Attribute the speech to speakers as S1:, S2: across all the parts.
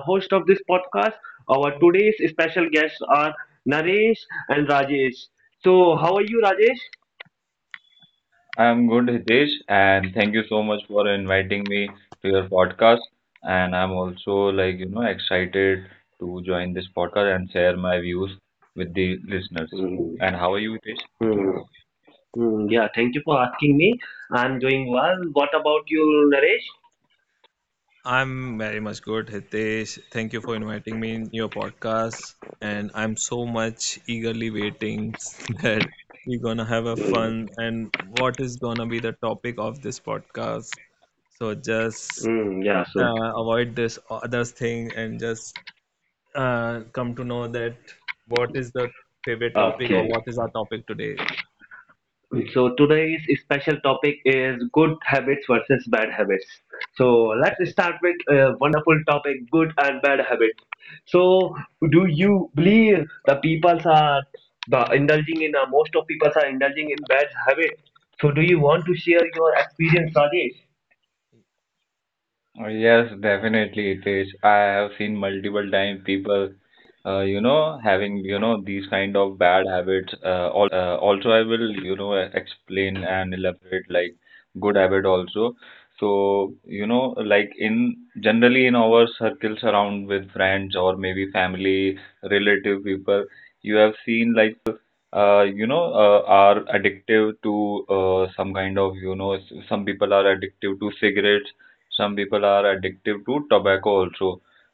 S1: host of this podcast. Our today's special guests are Naresh and Rajesh. So, how are you, Rajesh?
S2: I'm good, Hitesh, and thank you so much for inviting me to your podcast. And I'm also like, excited to join this podcast and share my views with the listeners.
S1: Hmm.
S2: And how are you, Hitesh?
S1: Hmm. Hmm. Yeah, thank you for asking me. I'm doing well. What about you, Naresh?
S3: I'm very much good, Hitesh. Thank you for inviting me in your podcast, and I'm so much eagerly waiting that we're gonna have a
S1: Hmm.
S3: fun and what is gonna be the topic of this podcast. So just
S1: Hmm. Yeah, so.
S3: avoid this other thing and just come to know that what is the favorite topic or
S1: Okay.
S3: what is our topic today.
S1: So today's special topic is good habits versus bad habits. So let's start with a wonderful topic, good and bad habits. So do you believe the peoples are the indulging in most of people are indulging in bad habits? So do you want to share your experience, Rajesh?
S2: Oh, yes, definitely it is. I have seen multiple times people having, these kind of bad habits. Also, I will, explain and elaborate like good habit also. So, like in generally in our circles around with friends or maybe family, relative people, you have seen like people are addictive to some kind of, some people are addictive to cigarettes. Some people are addictive to tobacco also.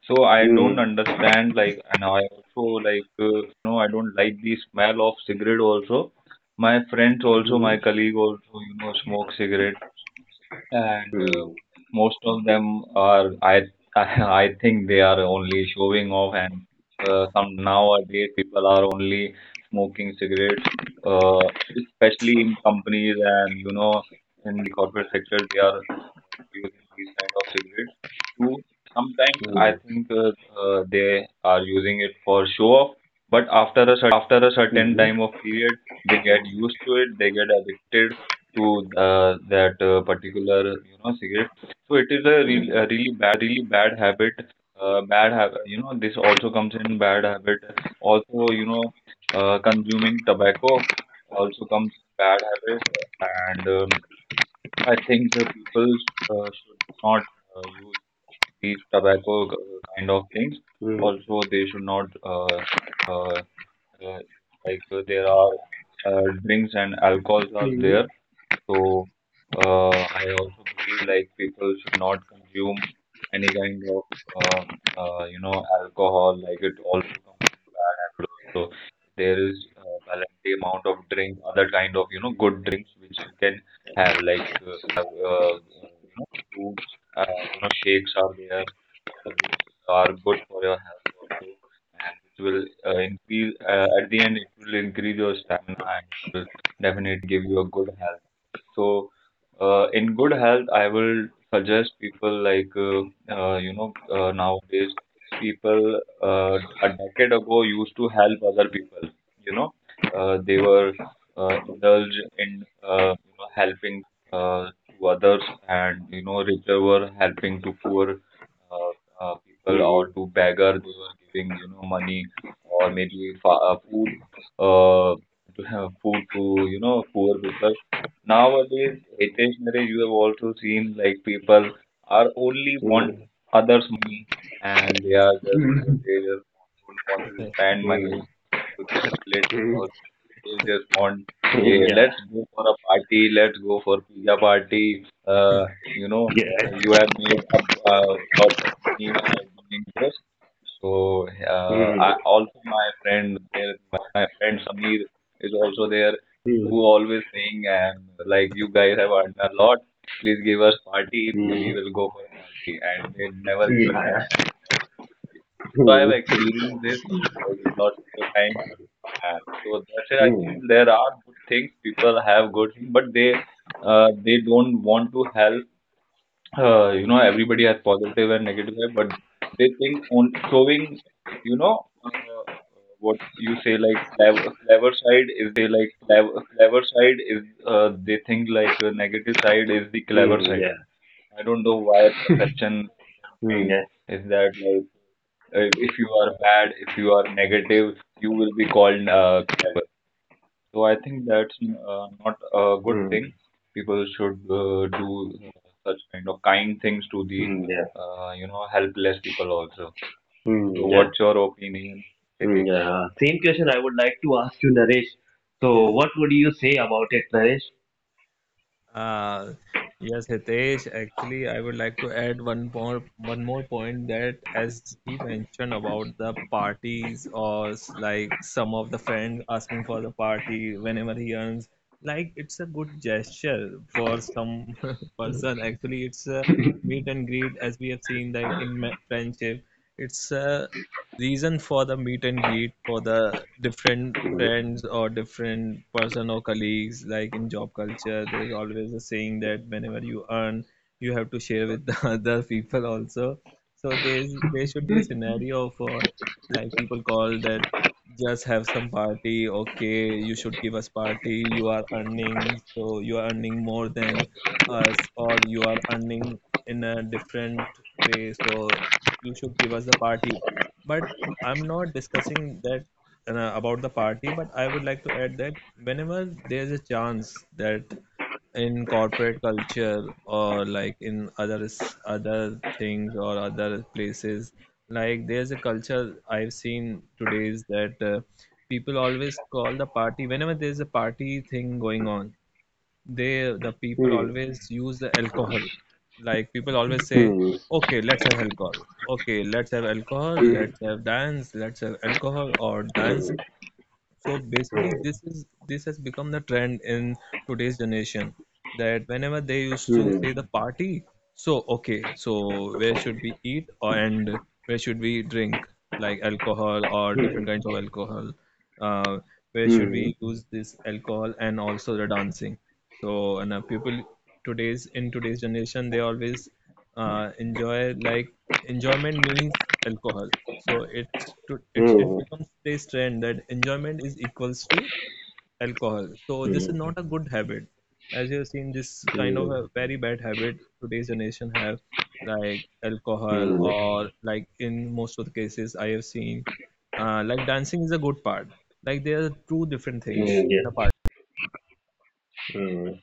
S2: So I don't
S1: Mm.
S2: understand, like, and I also, like, I don't like the smell of cigarette also. My friends also, my
S1: Mm.
S2: colleague also, smoke cigarette, and most of them are, I I think they are only showing off. And some nowadays people are only smoking cigarettes, uh, especially in companies, and in the corporate sector they are using these kind of cigarettes to, sometimes I think, they are using it for show off. But after a certain time of period they get used to it, they get addicted to that particular, cigarette. So it is a really bad habit. Bad habit. You know this also comes in bad habit. Also, consuming tobacco also comes in bad habit. And I think people should not use these tobacco kind of things. Also they should not, uh, like, there are drinks and alcohols are there, so I also believe like people should not consume any kind of um, alcohol. Like, it also comes in bad habit also. There is balance the amount of drink, other kind of, good drinks which you can have. Like, you can have, fruits, shakes are there which are good for your health also, and which will increase, at the end it will increase your stamina, and it will definitely give you a good health. So, in good health, I will suggest people, like, nowadays people, a decade ago, used to help other people. You know, they were, indulge in, helping to, uh, to others, and richer were helping to poor, uh, people, or to beggar. They were giving, money, or maybe food. Uh, to have food to, poor people. Nowadays, Hitesh, you have also seen, like, people are only want others' money, and they just don't want to spend money to their relatives
S1: Mm.
S2: also. They just want, okay,
S1: Yeah.
S2: let's go for a party, let's go for pizza party. Uh, you know,
S1: Yeah.
S2: you have made up lots of money by doing this. So,
S1: Mm.
S2: I also, my friend there, my friend Samir is also there, who
S1: Mm.
S2: always saying and, like, you guys have earned a lot, please give us party, we will go for party, and they never
S1: Mm.
S2: give us
S1: Yeah.
S2: party. So I
S1: Mm.
S2: have experienced this, like, lots of times. And so that's it. I
S1: Mm.
S2: think there are good things, people have good things, but they don't want to help. Everybody has positive and negative side, but they think on showing, you know uh, what you say, like, clever, clever side is, they think like a negative side is the clever
S1: Mm.
S2: side.
S1: Yeah.
S2: I don't know why perception in their
S1: Mm.
S2: mind
S1: Yeah.
S2: is that, like, if you are bad, if you are negative, you will be called, clever. So I think that's, not a good thing.
S1: Mm.
S2: People should do such kind of kind things to the,
S1: Mm. Yeah.
S2: helpless people also. So
S1: Mm. Yeah.
S2: what's your opinion, City?
S1: Mm, yeah. Same question I would like to ask you, Naresh. So,
S3: Yeah.
S1: what would you say about it, Naresh?
S3: Uh, yes, Hitesh. Actually, I would like to add one more point that as he mentioned about the parties or like some of the friends asking for the party whenever he earns, like it's a good gesture for some person. Actually, it's a meet and greet as we have seen that in friendship. It's a reason for the meet and greet for the different
S1: Hmm.
S3: friends or different person or colleagues. Like in job culture, there's always a saying that whenever you earn, you have to share with the other people also. So there should be a scenario for, like, people call that just have some party. Okay, you should give us party, you are earning, so you are earning more than us or you are earning in a different way, so you should give us the party. But I'm not discussing that about the party, but I would like to add that whenever there's a chance that in corporate culture or like in other things or other places, like there's a culture I've seen today's that people always call the party. Whenever there's a party thing going on, they the people
S1: Hmm.
S3: always use the alcohol. Like people always say,
S1: Hmm.
S3: okay, let's have alcohol, okay, let's have alcohol, let's have dance, let's have alcohol or dance.
S1: Hmm.
S3: So basically,
S1: Hmm.
S3: this has become the trend in today's generation that whenever they used to
S1: Hmm. Hmm.
S3: say the party, so okay, so where should we eat or and where should we drink, like alcohol or different
S1: Hmm.
S3: kinds of alcohol? Uh, where should
S1: Hmm.
S3: we use this alcohol and also the dancing? So and people today's in today's generation, they always enjoy, like enjoyment means alcohol. So it's to it's it
S1: Hmm.
S3: becomes today's trend that enjoyment is equals to alcohol. So
S1: Hmm.
S3: this is not a good habit, as you have seen this kind of
S1: Hmm.
S3: a very bad habit today's generation have, like alcohol
S1: Hmm.
S3: or like in most of the cases I have seen like dancing is a good part. Like there are two different things
S1: Hmm.
S3: in
S1: Yeah.
S3: a party
S1: Hmm.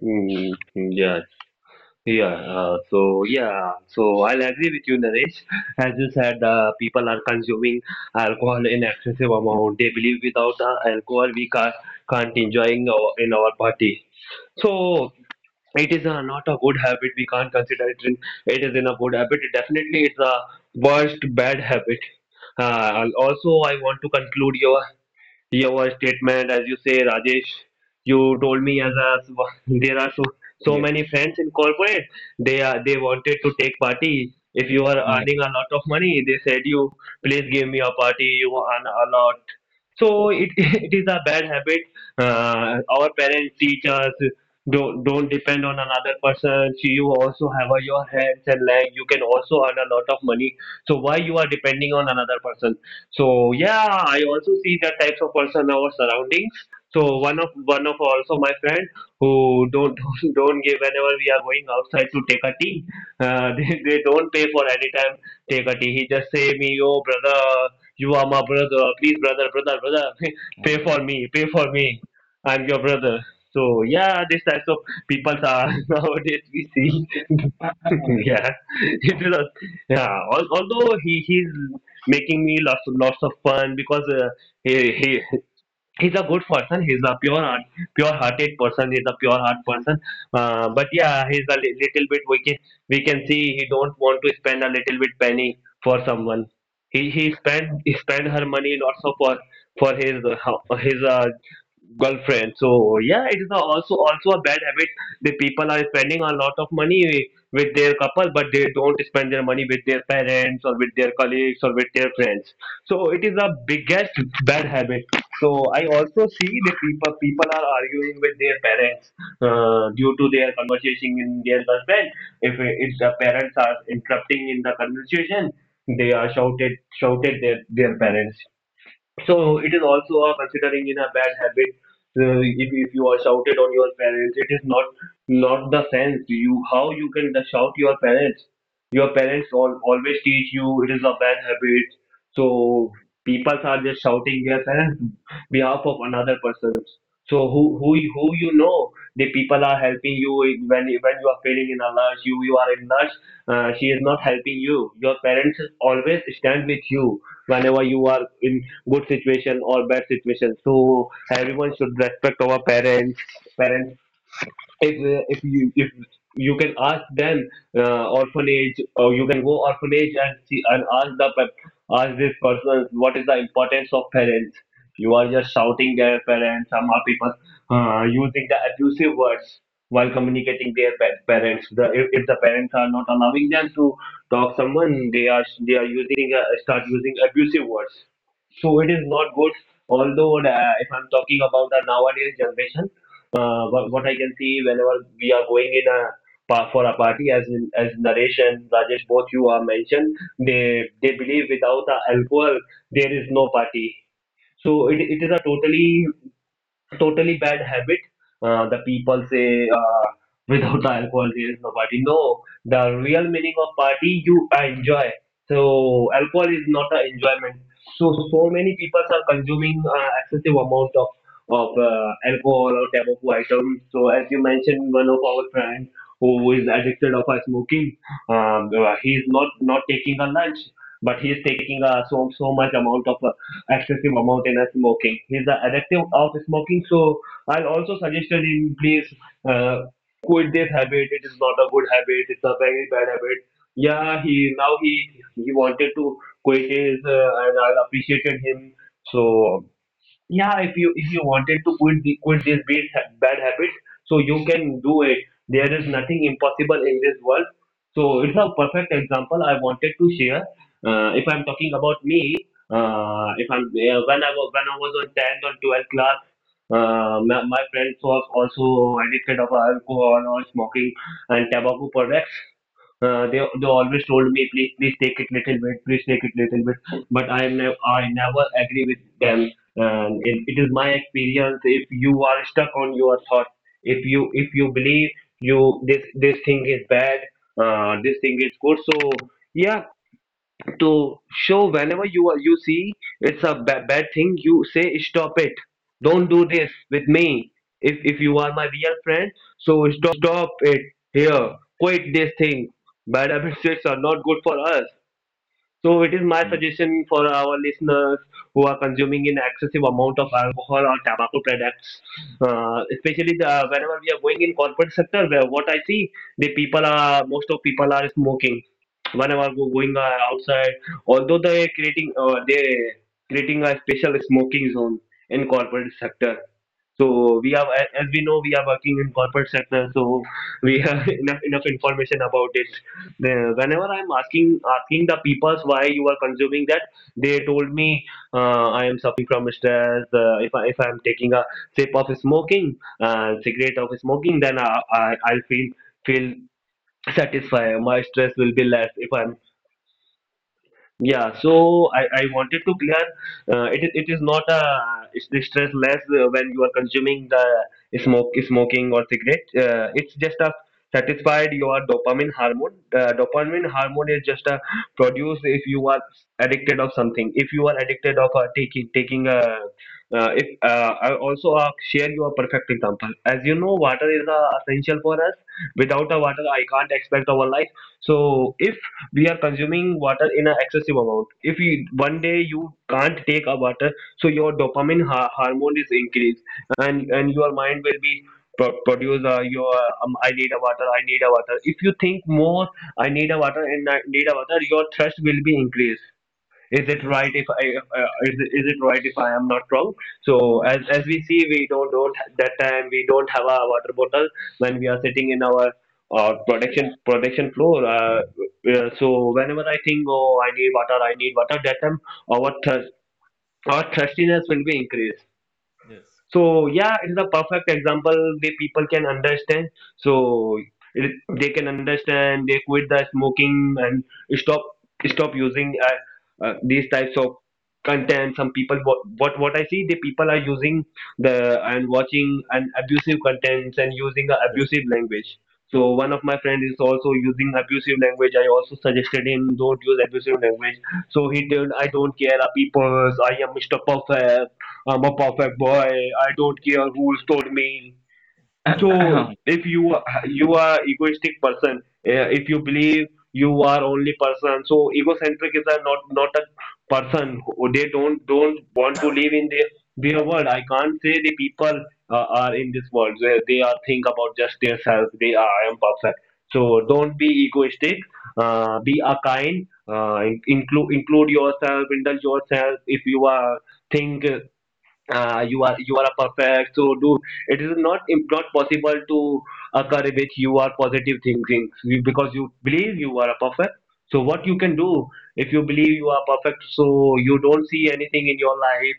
S1: Hmm. Yeah. Yeah. So yeah. So I'll agree with you, Naresh. As you said, people are consuming alcohol in excessive amount. They believe without the alcohol we can't enjoying our, in our party. So it is a, not a good habit. We can't consider it. In, it is in a good habit. It definitely, it's a worst bad habit. Also, I want to conclude your statement as you say Rajesh, you told me as a there are so
S2: Yeah.
S1: many friends in corporate, they are they wanted to take party. If you are
S2: Yeah.
S1: earning a lot of money, they said you please give me a party, you earn a lot. So it it is a bad habit. Our parents teach us don't depend on another person. So you also have your hands and legs, you can also earn a lot of money, so why you are depending on another person? So yeah, I also see that types of person in our surroundings. So one of also my friend who don't don't give whenever we are going outside to take a tea, they don't pay for any time take a tea. He just say me, oh brother, you are my brother, please brother, brother, brother,
S2: Yeah.
S1: pay for me, I'm your brother. So yeah, these types of people are nowadays we see. Yeah, it is. A, yeah, although he's making me lots of fun because he, he he's a good person, he's a pure heart pure hearted person, he's a pure heart person, but yeah, he's a little bit, we can see he don't want to spend a little bit penny for someone. He he spent her money lots of for his uh, his uh, girlfriend. So yeah, it is also also a bad habit that people are spending a lot of money with their couple, but they don't spend their money with their parents or with their colleagues or with their friends. So it is a biggest bad habit. So I also see that people are arguing with their parents due to their conversation in their husband. If the parents are interrupting in the conversation, they are shouted shouted their parents. So it is also a considering in a bad habit. If you are shouted on your parents, it is not the sense. You how you can the shout your parents? Your parents all, always teach you it is a bad habit. So people are just shouting their parents behalf of another person. So who who you know, the people are helping you when you are failing in a lurch. You are in lurch. She is not helping you. Your parents always stand with you whenever you are in good situation or bad situation. So everyone should respect our parents parents. If you can ask them orphanage, or you can go orphanage and see and ask the ask these persons what is the importance of parents. You are just shouting their parents. Some are people using the abusive words while communicating their parents. The, if the parents are not allowing them to talk someone, they are using start using abusive words. So it is not good. Although if I'm talking about the nowadays generation, what I can see whenever we are going in a for a party, as Naresh and Rajesh, both you are mentioned, they believe without a alcohol there is no party. So it is a totally totally bad habit. The people say without alcohol there is no party. No, the real meaning of party you enjoy. So alcohol is not an enjoyment. So so many people are consuming excessive amount of alcohol or tobacco items. So as you mentioned, one of our friends who is addicted of smoking, he is not taking a lunch, but he is taking so much amount of excessive amount in a smoking. He's the addictive of smoking. So I'll also suggest him, please uh, quit this habit. It is not a good habit. It's a very bad habit. Yeah, he now he wanted to quit his and I appreciated him. So yeah, if you wanted to quit the, quit this bad habit, so you can do it. There is nothing impossible in this world. So it's a perfect example I wanted to share. If I'm talking about me, if I'm when I was when I was on 10th or 12th class, my friends was also addicted of alcohol or smoking and tobacco products. They always told me please please take it little bit, please take it little bit, but I never agree with them. And it is my experience, if you are stuck on your thoughts, if you believe you this thing is bad, this thing is good, so yeah to show whenever you are you see it's a bad thing, you say stop it, don't do this with me. If you are my real friend, so stop it here, quit this thing. Bad habits are not good for us. So it is my
S2: Mm.
S1: suggestion for our listeners who are consuming in excessive amount of alcohol or tobacco products, especially the, whenever we are going in corporate sector, where what I see, the people are most of people are smoking whenever going outside. Although they are creating they creating a special smoking zone in corporate sector, so we are, as we know, we are working in corporate sector, so we have enough information about it. Whenever I'm asking the peoples why you are consuming that, they told me I am suffering from stress. If I'm taking a sip of smoking, cigarette of smoking, then I'll feel satisfied. My stress will be less if I'm yeah, so I wanted to clear it, it is not a it's the stress less when you are consuming the smoke smoking or cigarette, it's just a satisfied your dopamine hormone. Dopamine hormone is just a produced if you are addicted of something, if you are addicted of taking taking a if I also share you a perfect example. As you know, water is essential for us, without a water I can't expect our life, so we are consuming water in an excessive amount. If you, one day you can't take a water, so your dopamine hormone is increased, and your mind will be produce your I need a water, I need a water. If you think more, I need a water and I need a water, your thirst will be increased. Is it
S4: Yes.
S1: right, if I uh, is, is it right if I am not wrong? So as we see, we don't that time we don't have a water bottle when we are sitting in our production floor. So whenever I think, oh,
S4: Yes.
S1: I need water, that time our thirst our thirstiness will be increased,
S4: Yes.
S1: so yeah, it's a perfect example where people can understand. So it, they can understand, they quit the smoking and stop stop using these types of content. Some people, what I see, the people are using the and watching and abusive contents and using a
S4: Yeah.
S1: abusive language. So one of my friend is also using abusive language, I also suggested him don't use abusive language, so he told, I don't care people, I am Mr. Perfect, I'm a perfect boy. I don't care who's told me.
S4: So
S1: So if you are egoistic person, if you believe you are only person, so egocentric is a not a person. They don't want to live in their world. I can't say the people are in this world where they are think about just their self. They are, I am perfect. So don't be egoistic. Be a kind. Uh, include yourself. Indulge yourself. If you are think you are a perfect, so do it is not possible to occur with you are positive thinking, because you believe you are a perfect. So what you can do, if you believe you are perfect, so you don't see anything in your life.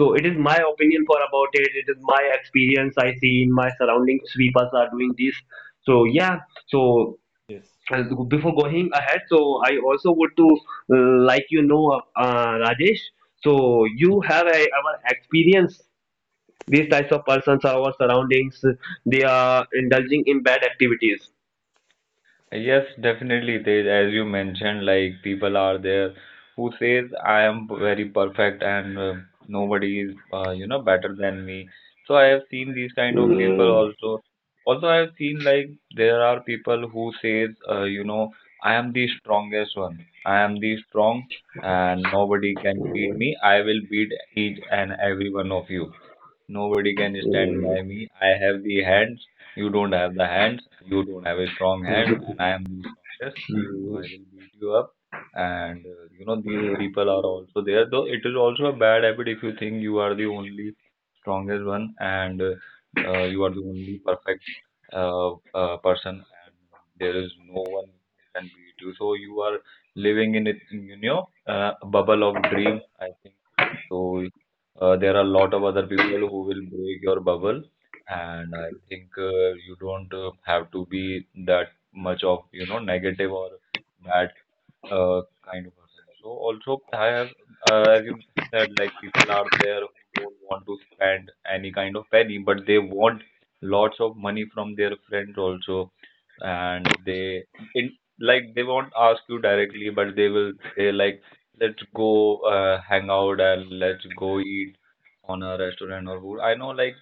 S1: So it is my opinion for about it, it is my experience, I see in my surroundings people are doing this. So yeah, so
S4: yes.
S1: uh, before going ahead, so I also would to Rajesh, so you have our experience, these types of persons are our surroundings. They are indulging in bad activities.
S2: Yes, definitely. They, as you mentioned, like, people are there who says I am very perfect and nobody is, better than me. So I have seen these kind of people also. Also, I have seen, like, there are people who says, I am the strongest one. I am the strong, and nobody can beat me. I will beat each and every one of you. Nobody can
S1: Mm,
S2: stand
S1: mm,
S2: by me. I have the hands. You don't have the hands. You don't have a strong hand, and I am the strongest. So
S1: mm,
S2: I will beat you up. And, you know, these
S1: mm,
S2: people are also there. Though it is also a bad habit. If you think you are the only strongest one, and you are the only perfect, person, and there is no one who can beat you, so you are living in it, bubble of dream. I think so, there are a lot of other people who will break your bubble, and I think, you don't have to be that much of, negative or bad, uh, kind of person. So also I have, as you said, like, people are there who don't want to spend any kind of penny, but they want lots of money from their friends also, and it, like they won't ask you directly, but they will say, like, let's go hang out, and let's go eat on a restaurant or food. I know, like,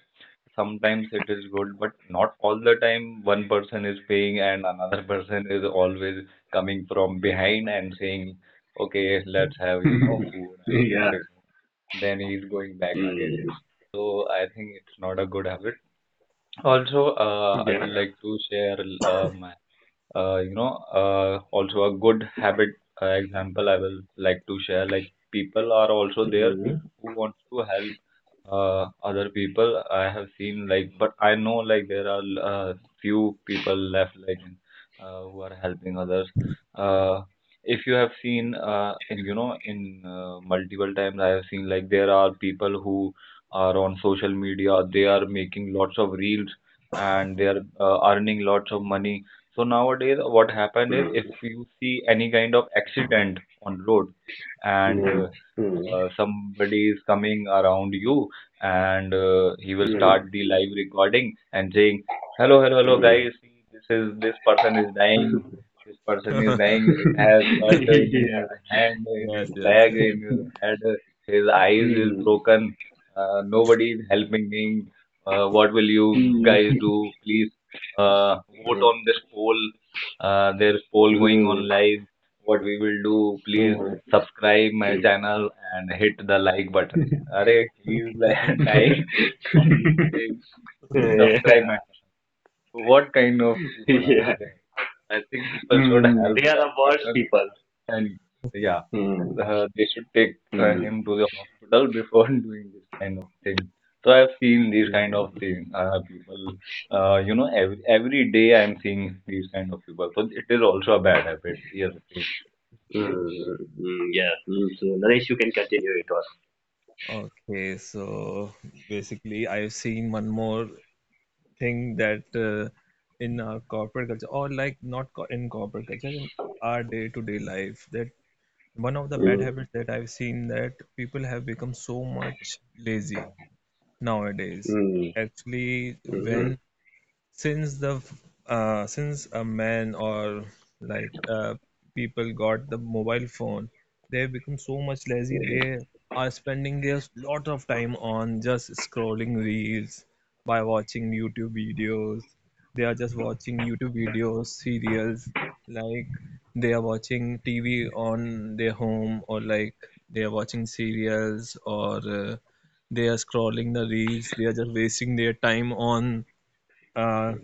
S2: sometimes it is good, but not all the time one person is paying and another person is always coming from behind and saying, okay, let's have, you know, food and
S1: mm, mm. Yeah.
S2: everything. Then he's going back again.
S1: Mm,
S2: So I think it's not a good habit. Also, I
S1: yeah.
S2: would like to share, uh, my, also a good habit, example I will like to share. Like, people are also there
S1: Mm,
S2: who wants to help, other people I have seen, like. But I know, like, there are few people left, like, who are helping others. Uh, if you have seen, in you know in multiple times I have seen, like, there are people who are on social media. They are making lots of reels, and they are earning lots of money. So nowadays, what happened is,
S1: mm,
S2: if you see any kind of accident on road, and
S1: mm,
S2: somebody is coming around you, and he will
S1: mm,
S2: start the live recording and saying, "Hello, hello,
S1: mm,
S2: hello,
S1: mm.
S2: guys! See, this person is dying. This person is dying. It has cut in
S1: Yeah.
S2: his hand, in
S4: Yes,
S2: his
S4: yes,
S2: leg,
S4: yes.
S2: in his head. His eyes is
S1: Mm,
S2: broken. Nobody is helping him. What will you
S1: mm, mm,
S2: guys
S1: mm,
S2: do? Please, vote on this poll. There's poll going
S1: mm,
S2: on
S1: mm.
S2: live. What we will do? Please, subscribe my channel and hit the like button." Arey, he's, like, dying, and you say
S1: Yeah.
S2: subscribe my channel. What kind of people are
S1: Yeah.
S2: there? I think people should
S1: Mm,
S2: help
S1: they are
S2: that
S1: the worst
S2: person,
S1: people.
S2: and, yeah,
S1: Mm.
S2: they should take
S1: Mm.
S2: him to the hospital before doing this kind of thing. So I've seen these kind of
S1: Mm.
S2: thing, people. Every day I'm seeing these kind of people. So it is also a bad habit. Yes, it
S1: Mm, mm, yeah. So Naresh, you can continue it all.
S4: Okay, so basically, I've seen one more thing that in our corporate culture, or like not co in corporate culture, in our day-to-day life, that one of the bad
S1: Mm,
S4: habits that I've seen that people have become so much lazy nowadays.
S1: mm,
S4: Actually,
S1: mm,
S4: when since the since a man, or like people got the mobile phone, they have become so much lazy.
S1: mm,
S4: They are spending their lot of time on just scrolling reels, by watching YouTube videos. They are just watching YouTube videos, serials, like they are watching TV on their home, or like they are watching serials, or they are scrolling the reels. They are just wasting their time on uh,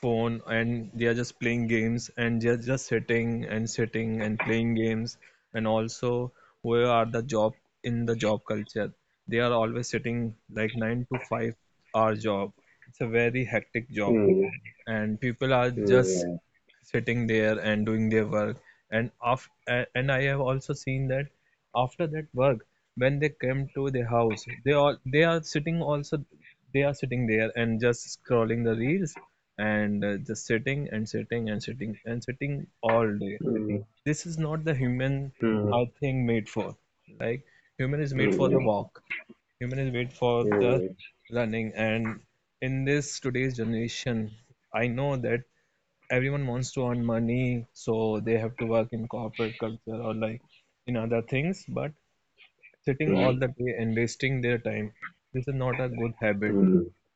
S4: phone, and they are just playing games, and they are just sitting and playing games. And also, where are the job, in the job culture, they are always sitting like 9 to 5 hour job. It's a very hectic job,
S1: mm,
S4: and people are
S1: mm,
S4: just
S1: mm,
S4: sitting there and doing their work. And and I have also seen that after that work, when they come to the house, they all, they are sitting also, they are sitting there and just scrolling the reels, and just sitting all day.
S1: mm,
S4: This is not the human,
S1: mm, mm, mm, mm,
S4: I think, made for, like human is made for the walk. Human is made for the learning, and in this today's generation, I know that everyone wants to earn money, so they have to work in corporate culture or like in other things, but sitting all the day and wasting their time, this is not a good habit.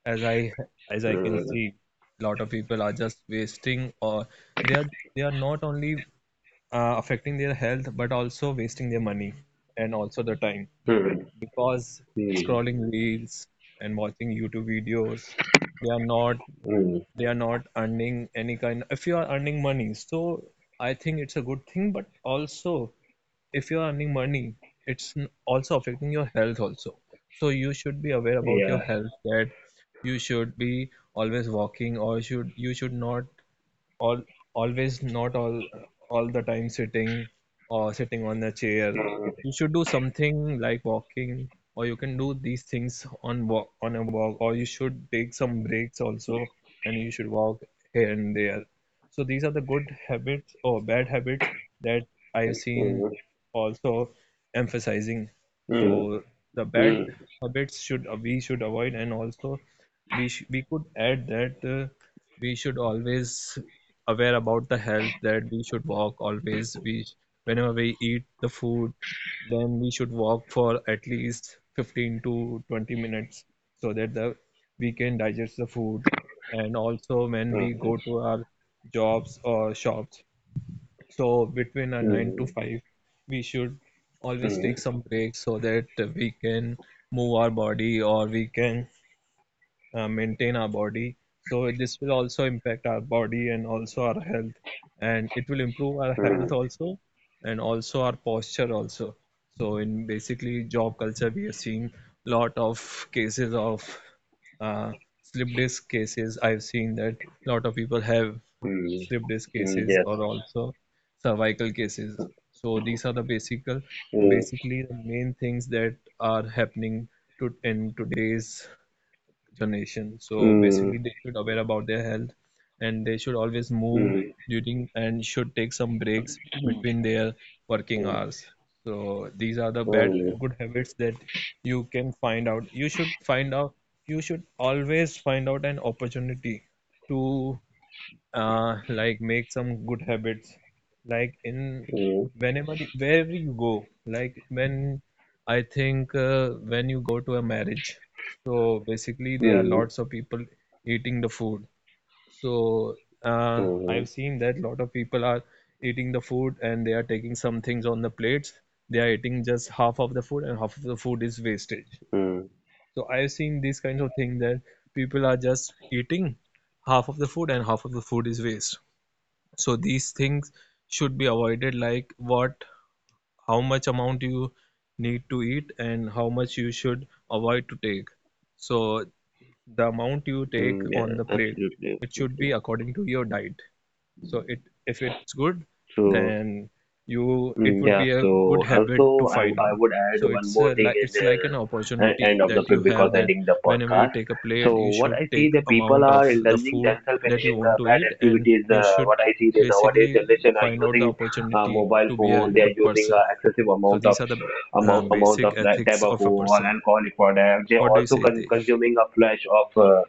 S4: As I as I can see, a lot of people are just wasting, or they are they are not only affecting their health, but also wasting their money and also the time,
S1: mm, mm,
S4: because
S1: mm, mm.
S4: scrolling reels and watching YouTube videos, they are not they are not earning any kind. If you are earning money, so I think it's a good thing. But also, if you are earning money, it's also affecting your health also. So you should be aware about your
S1: Yeah.
S4: health, that you should be always walking, or should you should not all always not all all the time sitting or sitting on a chair. You should do something like walking, or you can do these things on walk, on a walk, or you should take some breaks also, and you should walk here and there. So these are the good habits or bad habits that I've seen
S1: Mm,
S4: also emphasizing.
S1: mm,
S4: So the
S1: mm,
S4: bad habits should we should avoid, and also we could add that we should always aware about the health, that we should walk always. We whenever we eat the food, then we should walk for at least 15 to 20 minutes, so that the we can digest the food. And also when
S1: mm,
S4: we
S1: mm,
S4: go to our jobs or shops, so between a 9 to
S1: mm,
S4: 5, we should
S1: mm, mm.
S4: always
S1: Mm. Yes. Mm, mm,
S4: take
S1: mm,
S4: some
S1: mm,
S4: breaks, so that we can move our body, or we can maintain our body. So this will also impact our body and also our health, and it will improve our health also, and also our posture also. So in basically job culture, we have seen lot of cases of uh, slip disc cases. I've seen that lot of people have slip disc cases or also cervical cases. So these are the basic, basically the main things that are happening to in today's generation. So basically, they should aware about their health, and they should always move during and should take some
S2: is.
S4: breaks between their working hours. So these are the bad good habits that you can find out. You should find out. You should always find out an opportunity to like make some good habits, like in
S1: mm, mm,
S4: whenever wherever you go, like when I think when you go to a marriage, so basically there are
S1: mm,
S4: lots of people eating the food. So
S1: mm.
S4: I've seen that lot of people are eating the food, and they are taking some things on the plates. They are eating just half of the food, and half of the food is wastage.
S1: Mm.
S4: So I've seen these kinds of things, that people are just eating half of the food and half of the food is waste. So these things should be avoided, like what how much amount you need to eat and how much you should avoid to take. So the amount you take
S1: Mm, yeah,
S4: on the plate,
S1: absolutely,
S4: it should be
S1: absolutely.
S4: according to your diet. So it, if it's good,
S1: So,
S4: then you it would
S1: yeah,
S4: be a
S1: so
S4: good habit
S1: also
S4: to
S1: I,
S4: find
S1: I
S4: out.
S1: would add
S4: So
S1: one
S4: it's
S1: more
S4: a,
S1: thing
S4: like
S1: in
S4: it's
S1: the
S4: like an opportunity
S1: end of the
S4: that you
S1: because
S4: have, that
S1: ending the
S4: whenever you
S1: podcast.
S4: take a
S1: So
S4: plate, you
S1: what
S4: should
S1: I see,
S4: take
S1: the people
S4: amount of
S1: are
S4: the
S1: indulging
S4: food
S1: themselves
S4: that you
S1: in the
S4: want to
S1: bad
S4: eat, and
S1: activities.
S4: you
S1: Uh,
S4: should
S1: what I see, the nowadays
S4: basically
S1: generation are
S4: find out the
S1: using
S4: opportunity
S1: mobile
S4: to be a
S1: phone. They are
S4: good
S1: using
S4: person.
S1: excessive
S4: So
S1: amount of
S4: these are the
S1: amount amount of
S4: basic
S1: like,
S4: ethics of
S1: tobacco
S4: a
S1: or
S4: person.
S1: alcoholic product. They
S4: What do you
S1: also
S4: say,
S1: con-
S4: Tej?
S1: consuming a flash of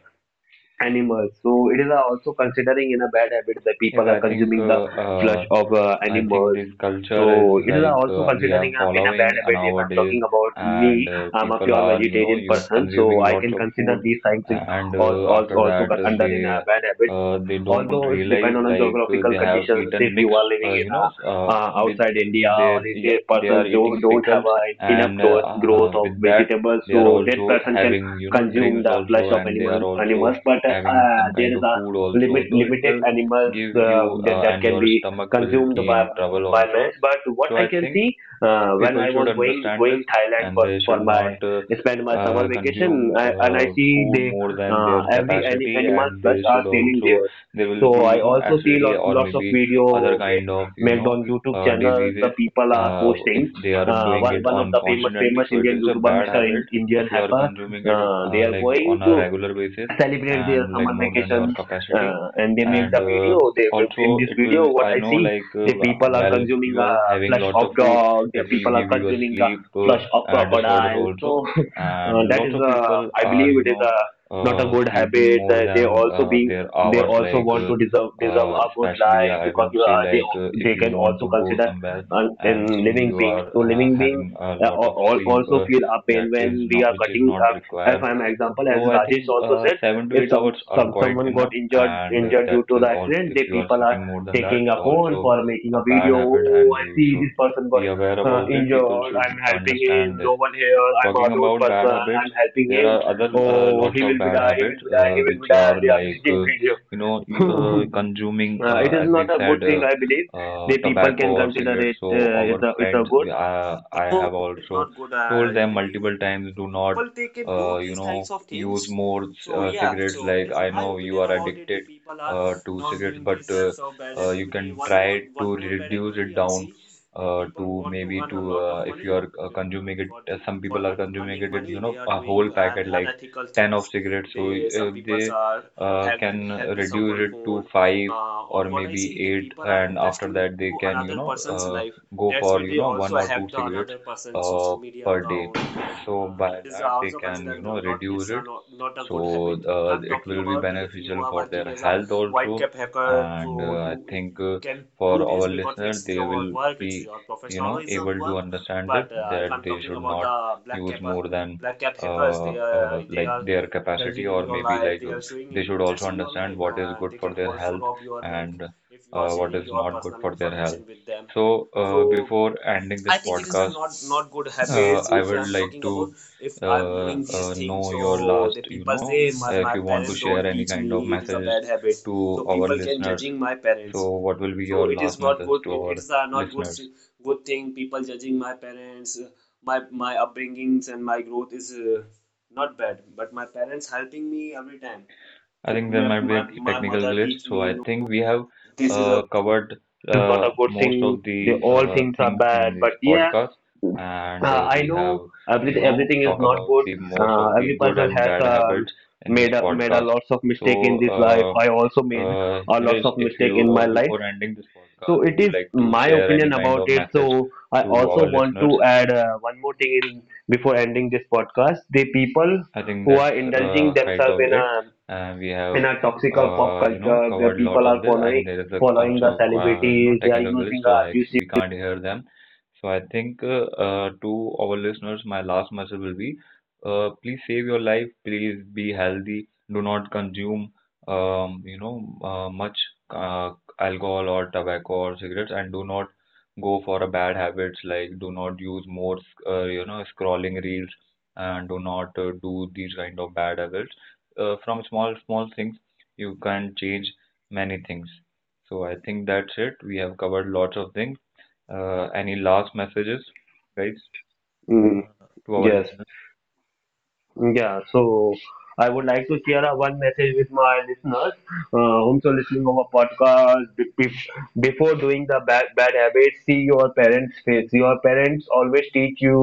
S1: animals. So it is also considering in a bad habit that
S2: Yes,
S1: people are
S2: I think,
S1: consuming the flesh of
S2: I think
S1: animals.
S2: this culture is,
S1: So it is
S2: like,
S1: also
S2: we are
S1: considering in a bad
S2: following
S1: habit. If I'm
S2: nowadays,
S1: talking about
S2: and
S1: me, I'm a
S2: people
S1: pure
S2: are, you know,
S1: vegetarian
S2: use
S1: person, so
S2: consuming
S1: I
S2: lots
S1: can
S2: of
S1: consider
S2: food,
S1: these things
S2: and
S1: also also,
S2: after
S1: also
S2: that
S1: con- under in a
S2: they
S1: bad habit,
S2: uh, they don't
S1: although it
S2: realize,
S1: depends on the
S2: like, they
S1: geographical
S2: have
S1: conditions.
S2: eaten
S1: If you
S2: mixed,
S1: are living
S2: you
S1: in
S2: know, s- with
S1: outside India,
S2: they
S1: or if the
S2: yeah, they are
S1: person
S2: eating
S1: don't have
S2: pickles,
S1: a enough
S2: and
S1: growth of
S2: with that
S1: vegetables,
S2: they are
S1: so that
S2: also
S1: person can
S2: having, you know,
S1: consume
S2: drinks
S1: the flesh
S2: also,
S1: of
S2: and they are
S1: animals,
S2: also
S1: but
S2: having some
S1: there
S2: kind
S1: is
S2: of
S1: a
S2: food
S1: limit
S2: also. So it
S1: limited
S2: will
S1: animals
S2: give you,
S1: that
S2: and
S1: can
S2: your
S1: be
S2: stomach will
S1: consumed
S2: be
S1: by
S2: in trouble
S1: by man.
S2: also.
S1: But what
S2: So
S1: I
S2: I
S1: can
S2: think
S1: see, when
S2: people
S1: I
S2: should
S1: was going
S2: understand this,
S1: going Thailand
S2: and
S1: for
S2: they
S1: for
S2: should
S1: my
S2: not
S1: spend my summer vacation,
S2: consume
S1: and I see
S2: food
S1: they
S2: more than their
S1: every any
S2: capacity,
S1: animal
S2: and they
S1: flesh are
S2: should
S1: selling
S2: also
S1: there.
S2: there will be
S1: So I also see lots
S2: acidity or
S1: lots of
S2: maybe
S1: video
S2: other
S1: make
S2: kind of
S1: made on YouTube channels. The
S2: diseases
S1: people are
S2: if
S1: posting.
S2: they are
S1: Uh,
S2: doing
S1: one
S2: it
S1: one of
S2: on
S1: the famous
S2: constantly.
S1: famous
S2: So it
S1: Indian
S2: is a
S1: YouTuber,
S2: bad
S1: Mr. In,
S2: habit
S1: Indian
S2: if you are
S1: Hacker,
S2: consuming it,
S1: they are
S2: like
S1: going
S2: on a
S1: to
S2: regular basis
S1: celebrate their
S2: and like
S1: summer
S2: more than your
S1: vacation,
S2: capacity,
S1: and they make
S2: and
S1: the video. They,
S2: also
S1: in this
S2: it
S1: video
S2: will,
S1: what
S2: I
S1: I
S2: know,
S1: see,
S2: like
S1: the people are
S2: while
S1: consuming
S2: you
S1: a
S2: are having
S1: flesh
S2: lots
S1: of
S2: of food
S1: dog, the
S2: it will
S1: people are
S2: give you a
S1: consuming a
S2: sleep
S1: flesh of
S2: disorder
S1: crocodile.
S2: also.
S1: So
S2: And
S1: that
S2: lots
S1: is
S2: of
S1: a,
S2: people
S1: I
S2: are
S1: believe it is a not a good
S2: sleeping
S1: habit,
S2: more
S1: that they
S2: than
S1: also being
S2: their
S1: they
S2: hours,
S1: also
S2: like
S1: want to deserve a good
S2: especially
S1: life,
S2: I will
S1: because
S2: say,
S1: they
S2: like if
S1: they
S2: you
S1: can
S2: want
S1: also
S2: to go
S1: consider
S2: somewhere and
S1: in
S2: still
S1: living
S2: you
S1: beings.
S2: are
S1: So living beings
S2: having a
S1: uh,
S2: lot of
S1: al- al-
S2: sleep,
S1: also feel a
S2: that
S1: pain
S2: is
S1: when we
S2: not,
S1: are
S2: which is
S1: cutting.
S2: not
S1: If
S2: required.
S1: I'm example, as
S2: So I
S1: Rajesh
S2: think
S1: also said,
S2: seven to
S1: if
S2: eight
S1: some,
S2: hours are
S1: some
S2: quite
S1: someone got
S2: enough,
S1: injured
S2: and
S1: injured
S2: that
S1: due to
S2: is
S1: the
S2: also
S1: accident,
S2: if
S1: they
S2: you are
S1: people are
S2: sleeping more than that,
S1: taking a
S2: it's
S1: phone
S2: also
S1: for making
S2: a
S1: a
S2: bad
S1: video.
S2: habit, and
S1: Oh, I
S2: you
S1: see
S2: should
S1: this person got
S2: be aware about it. People
S1: injured.
S2: should
S1: I'm helping
S2: understand
S1: him.
S2: this.
S1: No one here. I'm a
S2: Talking
S1: lone
S2: about bad
S1: person.
S2: habits,
S1: I'm helping
S2: there
S1: him.
S2: are other
S1: Oh,
S2: lots
S1: he
S2: of
S1: will be
S2: bad
S1: die. He will
S2: habits
S1: be die. He will be
S2: which
S1: die.
S2: are
S1: They are
S2: like
S1: making video.
S2: you, consuming,
S1: uh, it is
S2: as
S1: not
S2: we
S1: a good
S2: said,
S1: thing. I believe the people
S2: tobacco
S1: can
S2: or
S1: consider
S2: cigarettes.
S1: it.
S2: So
S1: Uh, it's
S2: our
S1: a it's a
S2: friends,
S1: good,
S2: I
S1: no,
S2: have
S1: it's
S2: also
S1: not good,
S2: told
S1: I
S2: them
S1: believe.
S2: multiple times,
S1: So
S2: do not
S1: people they can do these types of
S2: use
S1: things.
S2: more
S1: So yeah,
S2: cigarettes.
S1: so it
S2: Like
S1: is
S2: I
S1: my
S2: know you
S1: opinion
S2: are
S1: about it. The
S2: addicted
S1: people are
S2: to
S1: not
S2: cigarettes,
S1: doing
S2: but
S1: these types of bad
S2: you
S1: activity.
S2: can
S1: One more,
S2: try
S1: one
S2: to
S1: more bad
S2: reduce it
S1: activity I
S2: down
S1: see. The people
S2: to
S1: want to
S2: maybe
S1: earn a
S2: to
S1: lot of
S2: if you
S1: money.
S2: are
S1: Uh,
S2: consuming it,
S1: for the
S2: some
S1: for
S2: people are
S1: earn-
S2: consuming
S1: earning
S2: it,
S1: money, they are
S2: a
S1: doing
S2: whole
S1: un-
S2: packet like
S1: unethical
S2: 10 of
S1: things.
S2: cigarettes. So
S1: They, some
S2: if
S1: people
S2: they
S1: are have
S2: can
S1: have this
S2: reduce it to five or maybe eight, and after that they can, go for, one or two cigarettes uh, per day, so by that they can, reduce it. So it will be beneficial for their health also. And I think for our listener, they will be, able to understand this that they should not use more than like their capacity, or maybe like they should also understand what is good for their health and what is not good for their health. So, before ending this podcast, I would like to know your last, if you want to share any kind of messages to our listeners. So, what will be your last message to our listeners? I think there might be a technical glitch, so I think we have covered
S1: is not a good
S2: most
S1: thing.
S2: of
S1: They
S2: the
S1: all things are
S2: things in
S1: bad,
S2: this
S1: but yeah,
S2: podcast, and
S1: I
S2: we
S1: know
S2: have,
S1: everything everything is
S2: talk
S1: not
S2: about
S1: good.
S2: the most
S1: Uh,
S2: of the
S1: every
S2: good
S1: person
S2: and
S1: has
S2: bad habits in this
S1: made a
S2: podcast.
S1: lots of
S2: So,
S1: mistake in this life. I also made a lots
S2: Harish,
S1: of
S2: if
S1: mistake
S2: you,
S1: in my life.
S2: before ending this podcast,
S1: So
S2: would
S1: it
S2: you
S1: is
S2: like to
S1: my
S2: share any
S1: opinion
S2: kind
S1: about
S2: of
S1: it.
S2: message
S1: So I
S2: to
S1: also
S2: our
S1: want
S2: listeners?
S1: to add one more thing in before ending this podcast. The people
S2: I think
S1: who are
S2: that's
S1: indulging
S2: kind
S1: themselves
S2: of it. We have,
S1: in a toxical pop culture, the
S2: covered lots
S1: people
S2: of
S1: are
S2: this, and
S1: following
S2: there is a,
S1: following the
S2: also,
S1: celebrities. They are
S2: technical glitch,
S1: using the
S2: so I
S1: abusive
S2: we can't hear them. So I think to our listeners, my last message will be: please save your life. Please be healthy. Do not consume, um, you know, much uh, alcohol or tobacco or cigarettes, and do not go for a bad habits, like do not use more, scrolling reels, and do not do these kind of bad habits. From small small things, you can change many things. So I think that's it. We have covered lots of things. Any last messages, guys,
S5: Mm,
S6: Uh,
S2: to our
S5: yes.
S2: listeners?
S5: Yeah, so I would like to share a one message with my listeners, whom so listening of a podcast. Before doing the bad habits, see your parents' face. Your parents always teach you,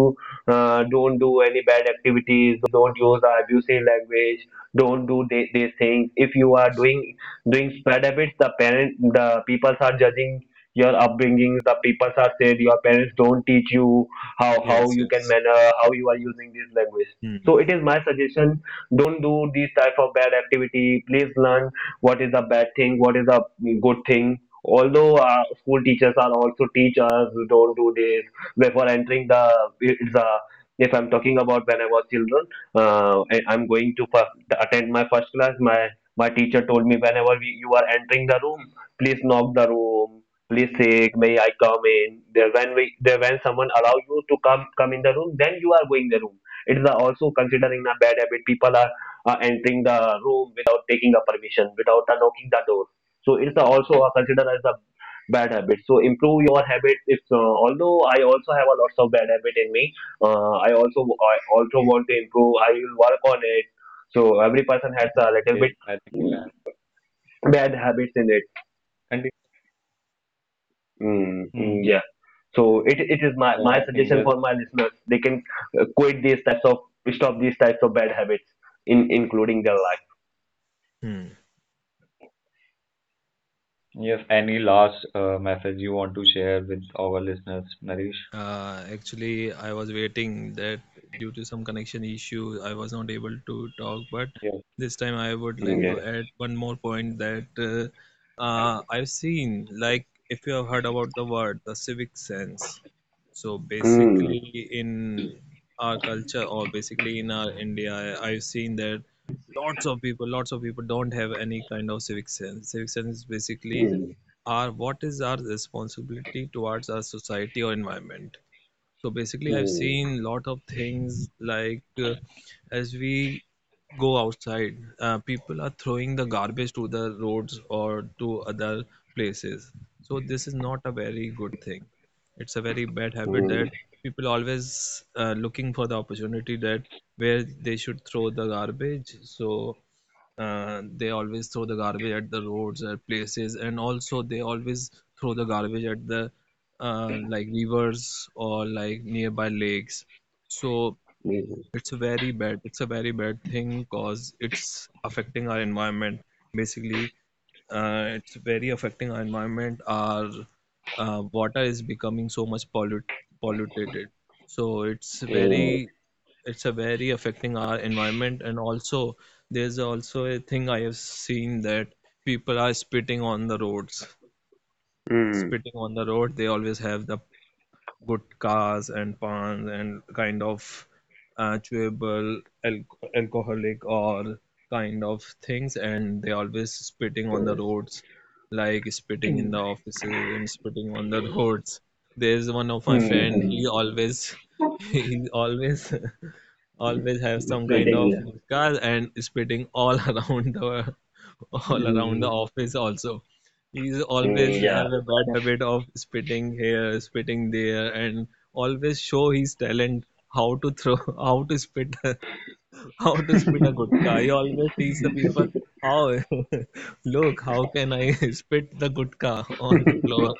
S5: don't do any bad activities, don't use the abusive language, don't do these things. If you are doing bad habits, the parent, the people are judging your upbringing. The people are said your parents don't teach you how
S6: yes,
S5: you can
S6: yes.
S5: manner, how you are using this language.
S6: Hmm.
S5: So it is my suggestion, don't do these type of bad activity. Please learn what is a bad thing, what is a good thing. Although school teachers are also teach us don't do this before entering the, it's a, if I'm talking about when I was children. I'm going to first, attend my first class, my teacher told me, whenever you are entering the room please knock the room, please say may I come in. There when someone allow you to come in the room, then you are going the room. It is also considering a bad habit. People are entering the room without taking a permission, without knocking the door. So it's
S6: Yes.
S5: also considered as a bad habit. So improve your habit. If Although I also have a lots of bad habit in me, I also want to improve. I will work on it. So every person has
S2: Mhm.
S5: a little
S2: Yes,
S5: bit
S2: I think you
S5: mm,
S2: have.
S5: bad habits in it.
S2: And if- Hmm.
S5: Yeah. So it is
S2: Yeah,
S5: my
S2: I think
S5: suggestion
S2: yes.
S5: for my listeners. They can quit these types of, stop these types of bad habits in including their life.
S6: Hmm.
S2: Yes, any last message you want to share with our listeners, Naresh?
S6: Actually, I was waiting that due to some connection issue, I was not able to talk. But
S2: Yes,
S6: this time, I would
S5: Mm,
S6: like to
S5: yes.
S6: add one more point that I've seen, like, if you have heard about the word, the civic sense. So
S5: Mm,
S6: basically, in our culture, or basically in our India, I've seen that lots of people don't have any kind of civic sense. Civic sense is basically
S5: mm,
S6: our what is our responsibility towards our society or environment. So basically, I've
S5: mm,
S6: seen lot of things like, as we go outside, people are throwing the garbage to the roads or to other places. So this is not a very good thing. It's a very bad habit
S5: mm,
S6: that people always looking for the opportunity that where they should throw the garbage. So they always throw the garbage at the roads or places, and also they always throw the garbage at the, like, rivers or like nearby lakes. So
S5: mm,
S6: it's a very bad thing, because it's affecting our environment. Basically it's very affecting our environment. Our water is becoming so much polluted. So
S5: mm,
S6: it's a very affecting our environment. And also there's also a thing I have seen, that people are spitting on the roads. Spitting on the road, they always have the good cars and pans and kind of, chewable alcoholic or kind of things, and they always spitting on the roads, like spitting in the offices and spitting on the roads. There's one of my friend, he always he always always have some kind of cars and spitting all around the all around the
S5: mm,
S6: office also. He's
S5: mm,
S6: always
S5: yeah.
S6: have a bad habit of spitting here, spitting there, and always show his talent how to throw, how to spit, how to spit a gutka. He always teach the people how, look, how can I spit the gutka on the floor?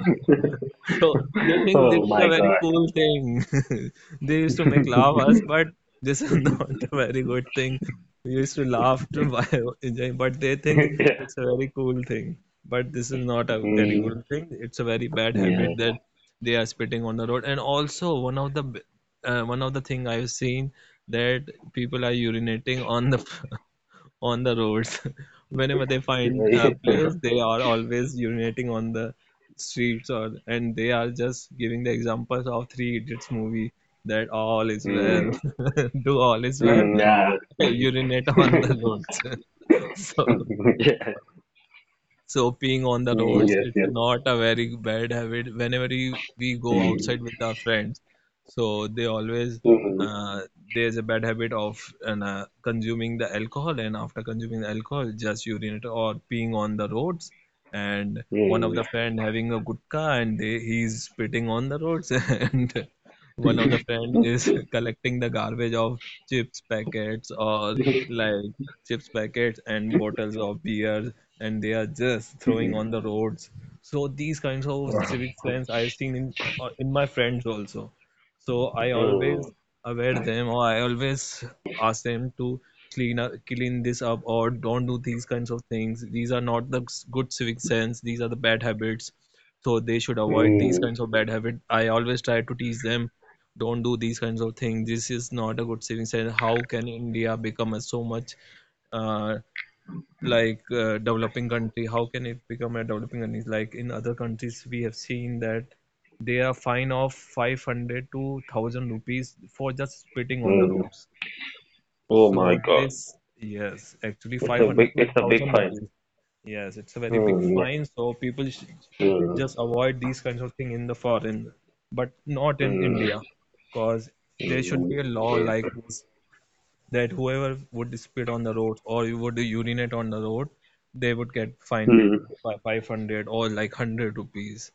S6: So they think this
S5: Oh
S6: is
S5: my
S6: a very
S5: god.
S6: cool thing. They used to make laugh us, but this is not a very good thing. We used to laugh to buy, but they think it's a very cool thing. But this is not a very
S5: mm,
S6: good thing. It's a very bad
S5: yeah.
S6: habit that they are spitting on the road. And also one of the thing I've seen, that people are urinating on the on the roads. Whenever they find, players, they are always urinating on the streets, or and they are just giving the examples of Three Idiots movie that all is well,
S5: Mm,
S6: do all is well,
S5: yeah.
S6: urinate on the roads. so
S5: Yeah.
S6: so peeing on the
S5: Mm,
S6: roads,
S5: yes.
S6: it's not a very bad habit. Whenever we go
S5: Mm,
S6: outside with our friends, so they always
S5: mm,
S6: uh, there's a bad habit of and, consuming the alcohol, and after consuming the alcohol, just urinate or peeing on the roads. And one of
S5: mm,
S6: the friend having a gutka, and he's spitting on the roads, and one of the friend is collecting the garbage of chips packets or like chips packets and bottles of beer, and they are just throwing on the roads. So these kinds of civic sense I've seen in my friends also. So I always
S5: mm,
S6: aware them, or I always ask them to clean up, clean this up, or don't do these kinds of things. These are not the good civic sense. These are the bad habits. So they should avoid these
S5: mm,
S6: kinds of bad habits. I always try to teach them, don't do these kinds of things. This is not a good civic sense. How can India become a so much, uh, like, developing country? How can it become a developing country? Like in other countries we have seen that they are fine of 500 to 1,000 rupees for just spitting on the
S5: mm.
S6: roads.
S5: Oh
S6: So
S5: my god.
S6: this, yes actually, 500 to
S5: It's a big
S6: 1,000
S5: find.
S6: rupees, yes, it's a very big
S5: Mm,
S6: fine. So people should
S5: yeah. Mm,
S6: just avoid these kinds of thing in the foreign, but not in
S5: mm,
S6: India. Because there should
S5: mm,
S6: be a law like this, that whoever would spit on the road or you would urinate on the road, they would get
S5: mm,
S6: fined
S5: mm,
S6: by 500 or like 100 rupees.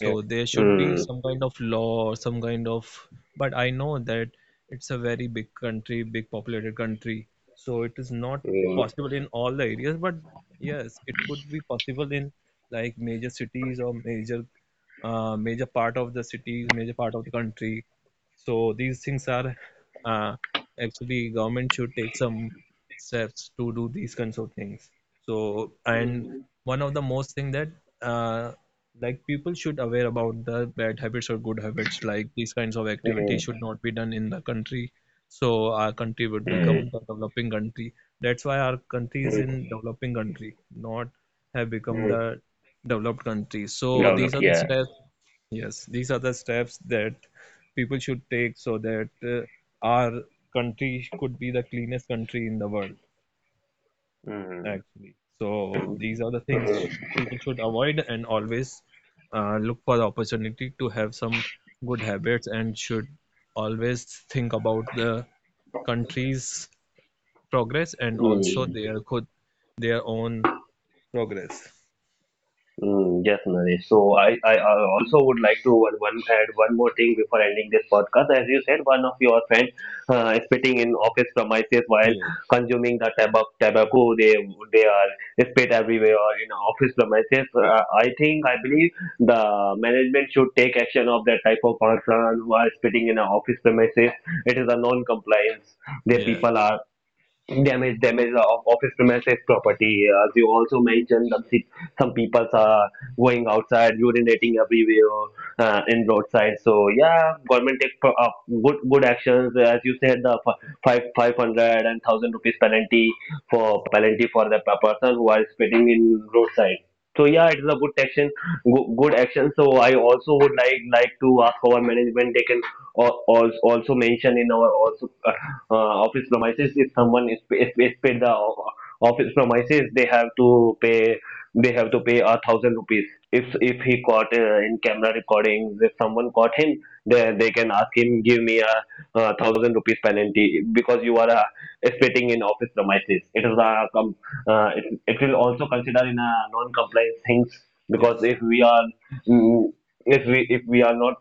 S2: yes,
S6: there
S5: mm,
S6: should be
S5: mm,
S6: some kind of law or some kind of, but I know that it's a very big country, big populated country. So it is not possible in all the areas, but yes, it could be possible in like major cities or major part of the cities, major part of the country. So these things are, uh, actually government should take some steps to do these kinds of things. So and one of the most thing that, uh, like, people should aware about the bad habits or good habits, like these kinds of activities should not be done in the country. So our country would
S5: mm,
S6: become the
S5: mm,
S6: developing country. That's why our country is
S5: mm,
S6: in developing country, not have become
S5: mm.
S6: the developed country. So these
S5: Develop,
S6: are the
S5: yeah.
S6: steps, yes, these are the steps that people should take, so that our country could be the cleanest country in the world,
S5: Mm,
S6: actually. So these are the things
S5: mm,
S6: people should avoid, and always look for the opportunity to have some good habits, and should always think about the country's progress and also
S5: mm.
S6: their own progress.
S5: Mm, definitely. So I also would like to one, add one more thing before ending this podcast. As you said, one of your friends spitting in office premises while
S6: Yes,
S5: consuming the tobacco. They are spit everywhere in office premises. I believe the management should take action of that type of person who are spitting in an office premises. It is a non-compliance. The
S6: yes,
S5: people are damage of office premises property. As you also mentioned that some people are going outside urinating everywhere in roadside. So yeah, government take good actions. As you said, the five five hundred and thousand rupees penalty
S6: yes,
S5: for the person who are spitting in roadside. So yeah, it is a good action, good action. So I also would like to ask our management, they can also mentioned in our also office premises. If someone is is paid the office premises, they have to pay, they have
S6: yes,
S5: to pay 1,000 rupees if he caught in camera recordings. If someone caught him, they can ask him, give me a 1,000 rupees penalty, because you are spitting in office premises. It is a it will also consider in a non-compliance things. Because
S6: yes,
S5: if we are mm, if we are not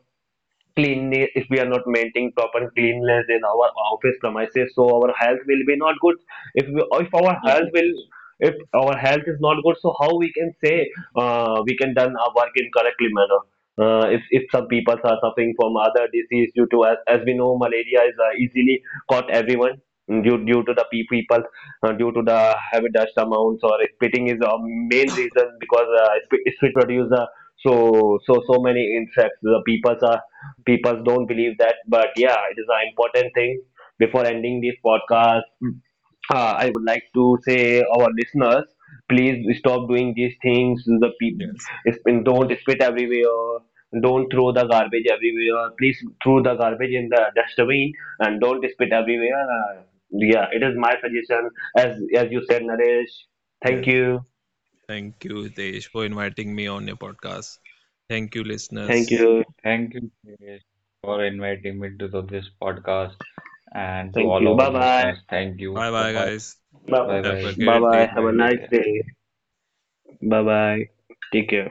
S5: cleanliness, if we are not maintaining proper cleanliness in our office premises, so our health will be not good. If if our
S2: yes,
S5: health will,
S2: yes.
S5: if our health is not good, so how we can say we can done our work in correctly manner. If some people are suffering from other disease due to, as we know malaria is easily caught everyone due to the people due to the heavy dust amounts or spitting is a main reason. Because spit produce so many insects. The people are, people don't believe that, but yeah, it is an important thing. Before ending this podcast, I would like to say our listeners, please stop doing these things. The
S6: yes,
S5: people don't spit everywhere. Don't throw the garbage everywhere. Please throw the garbage in the dustbin and don't spit everywhere. Yeah, it is my suggestion. As you said, Naresh. Thank
S6: yes.
S5: you.
S6: Thank you, Tej, for inviting me on your podcast. Thank you,
S5: Thank
S6: listeners.
S5: you.
S2: Thank you, Priyesh, for inviting me to this podcast and to
S5: Thank
S2: all
S5: you.
S2: our
S5: Bye bye.
S2: listeners. Thank you
S6: Bye
S2: so
S6: bye,
S2: much.
S6: guys.
S5: Bye bye.
S2: Bye
S6: Have a
S2: bye.
S5: Bye
S6: great
S5: bye.
S6: day.
S5: Have
S2: Bye.
S5: a
S2: Take
S5: nice
S2: care.
S5: day. Bye bye. Take care.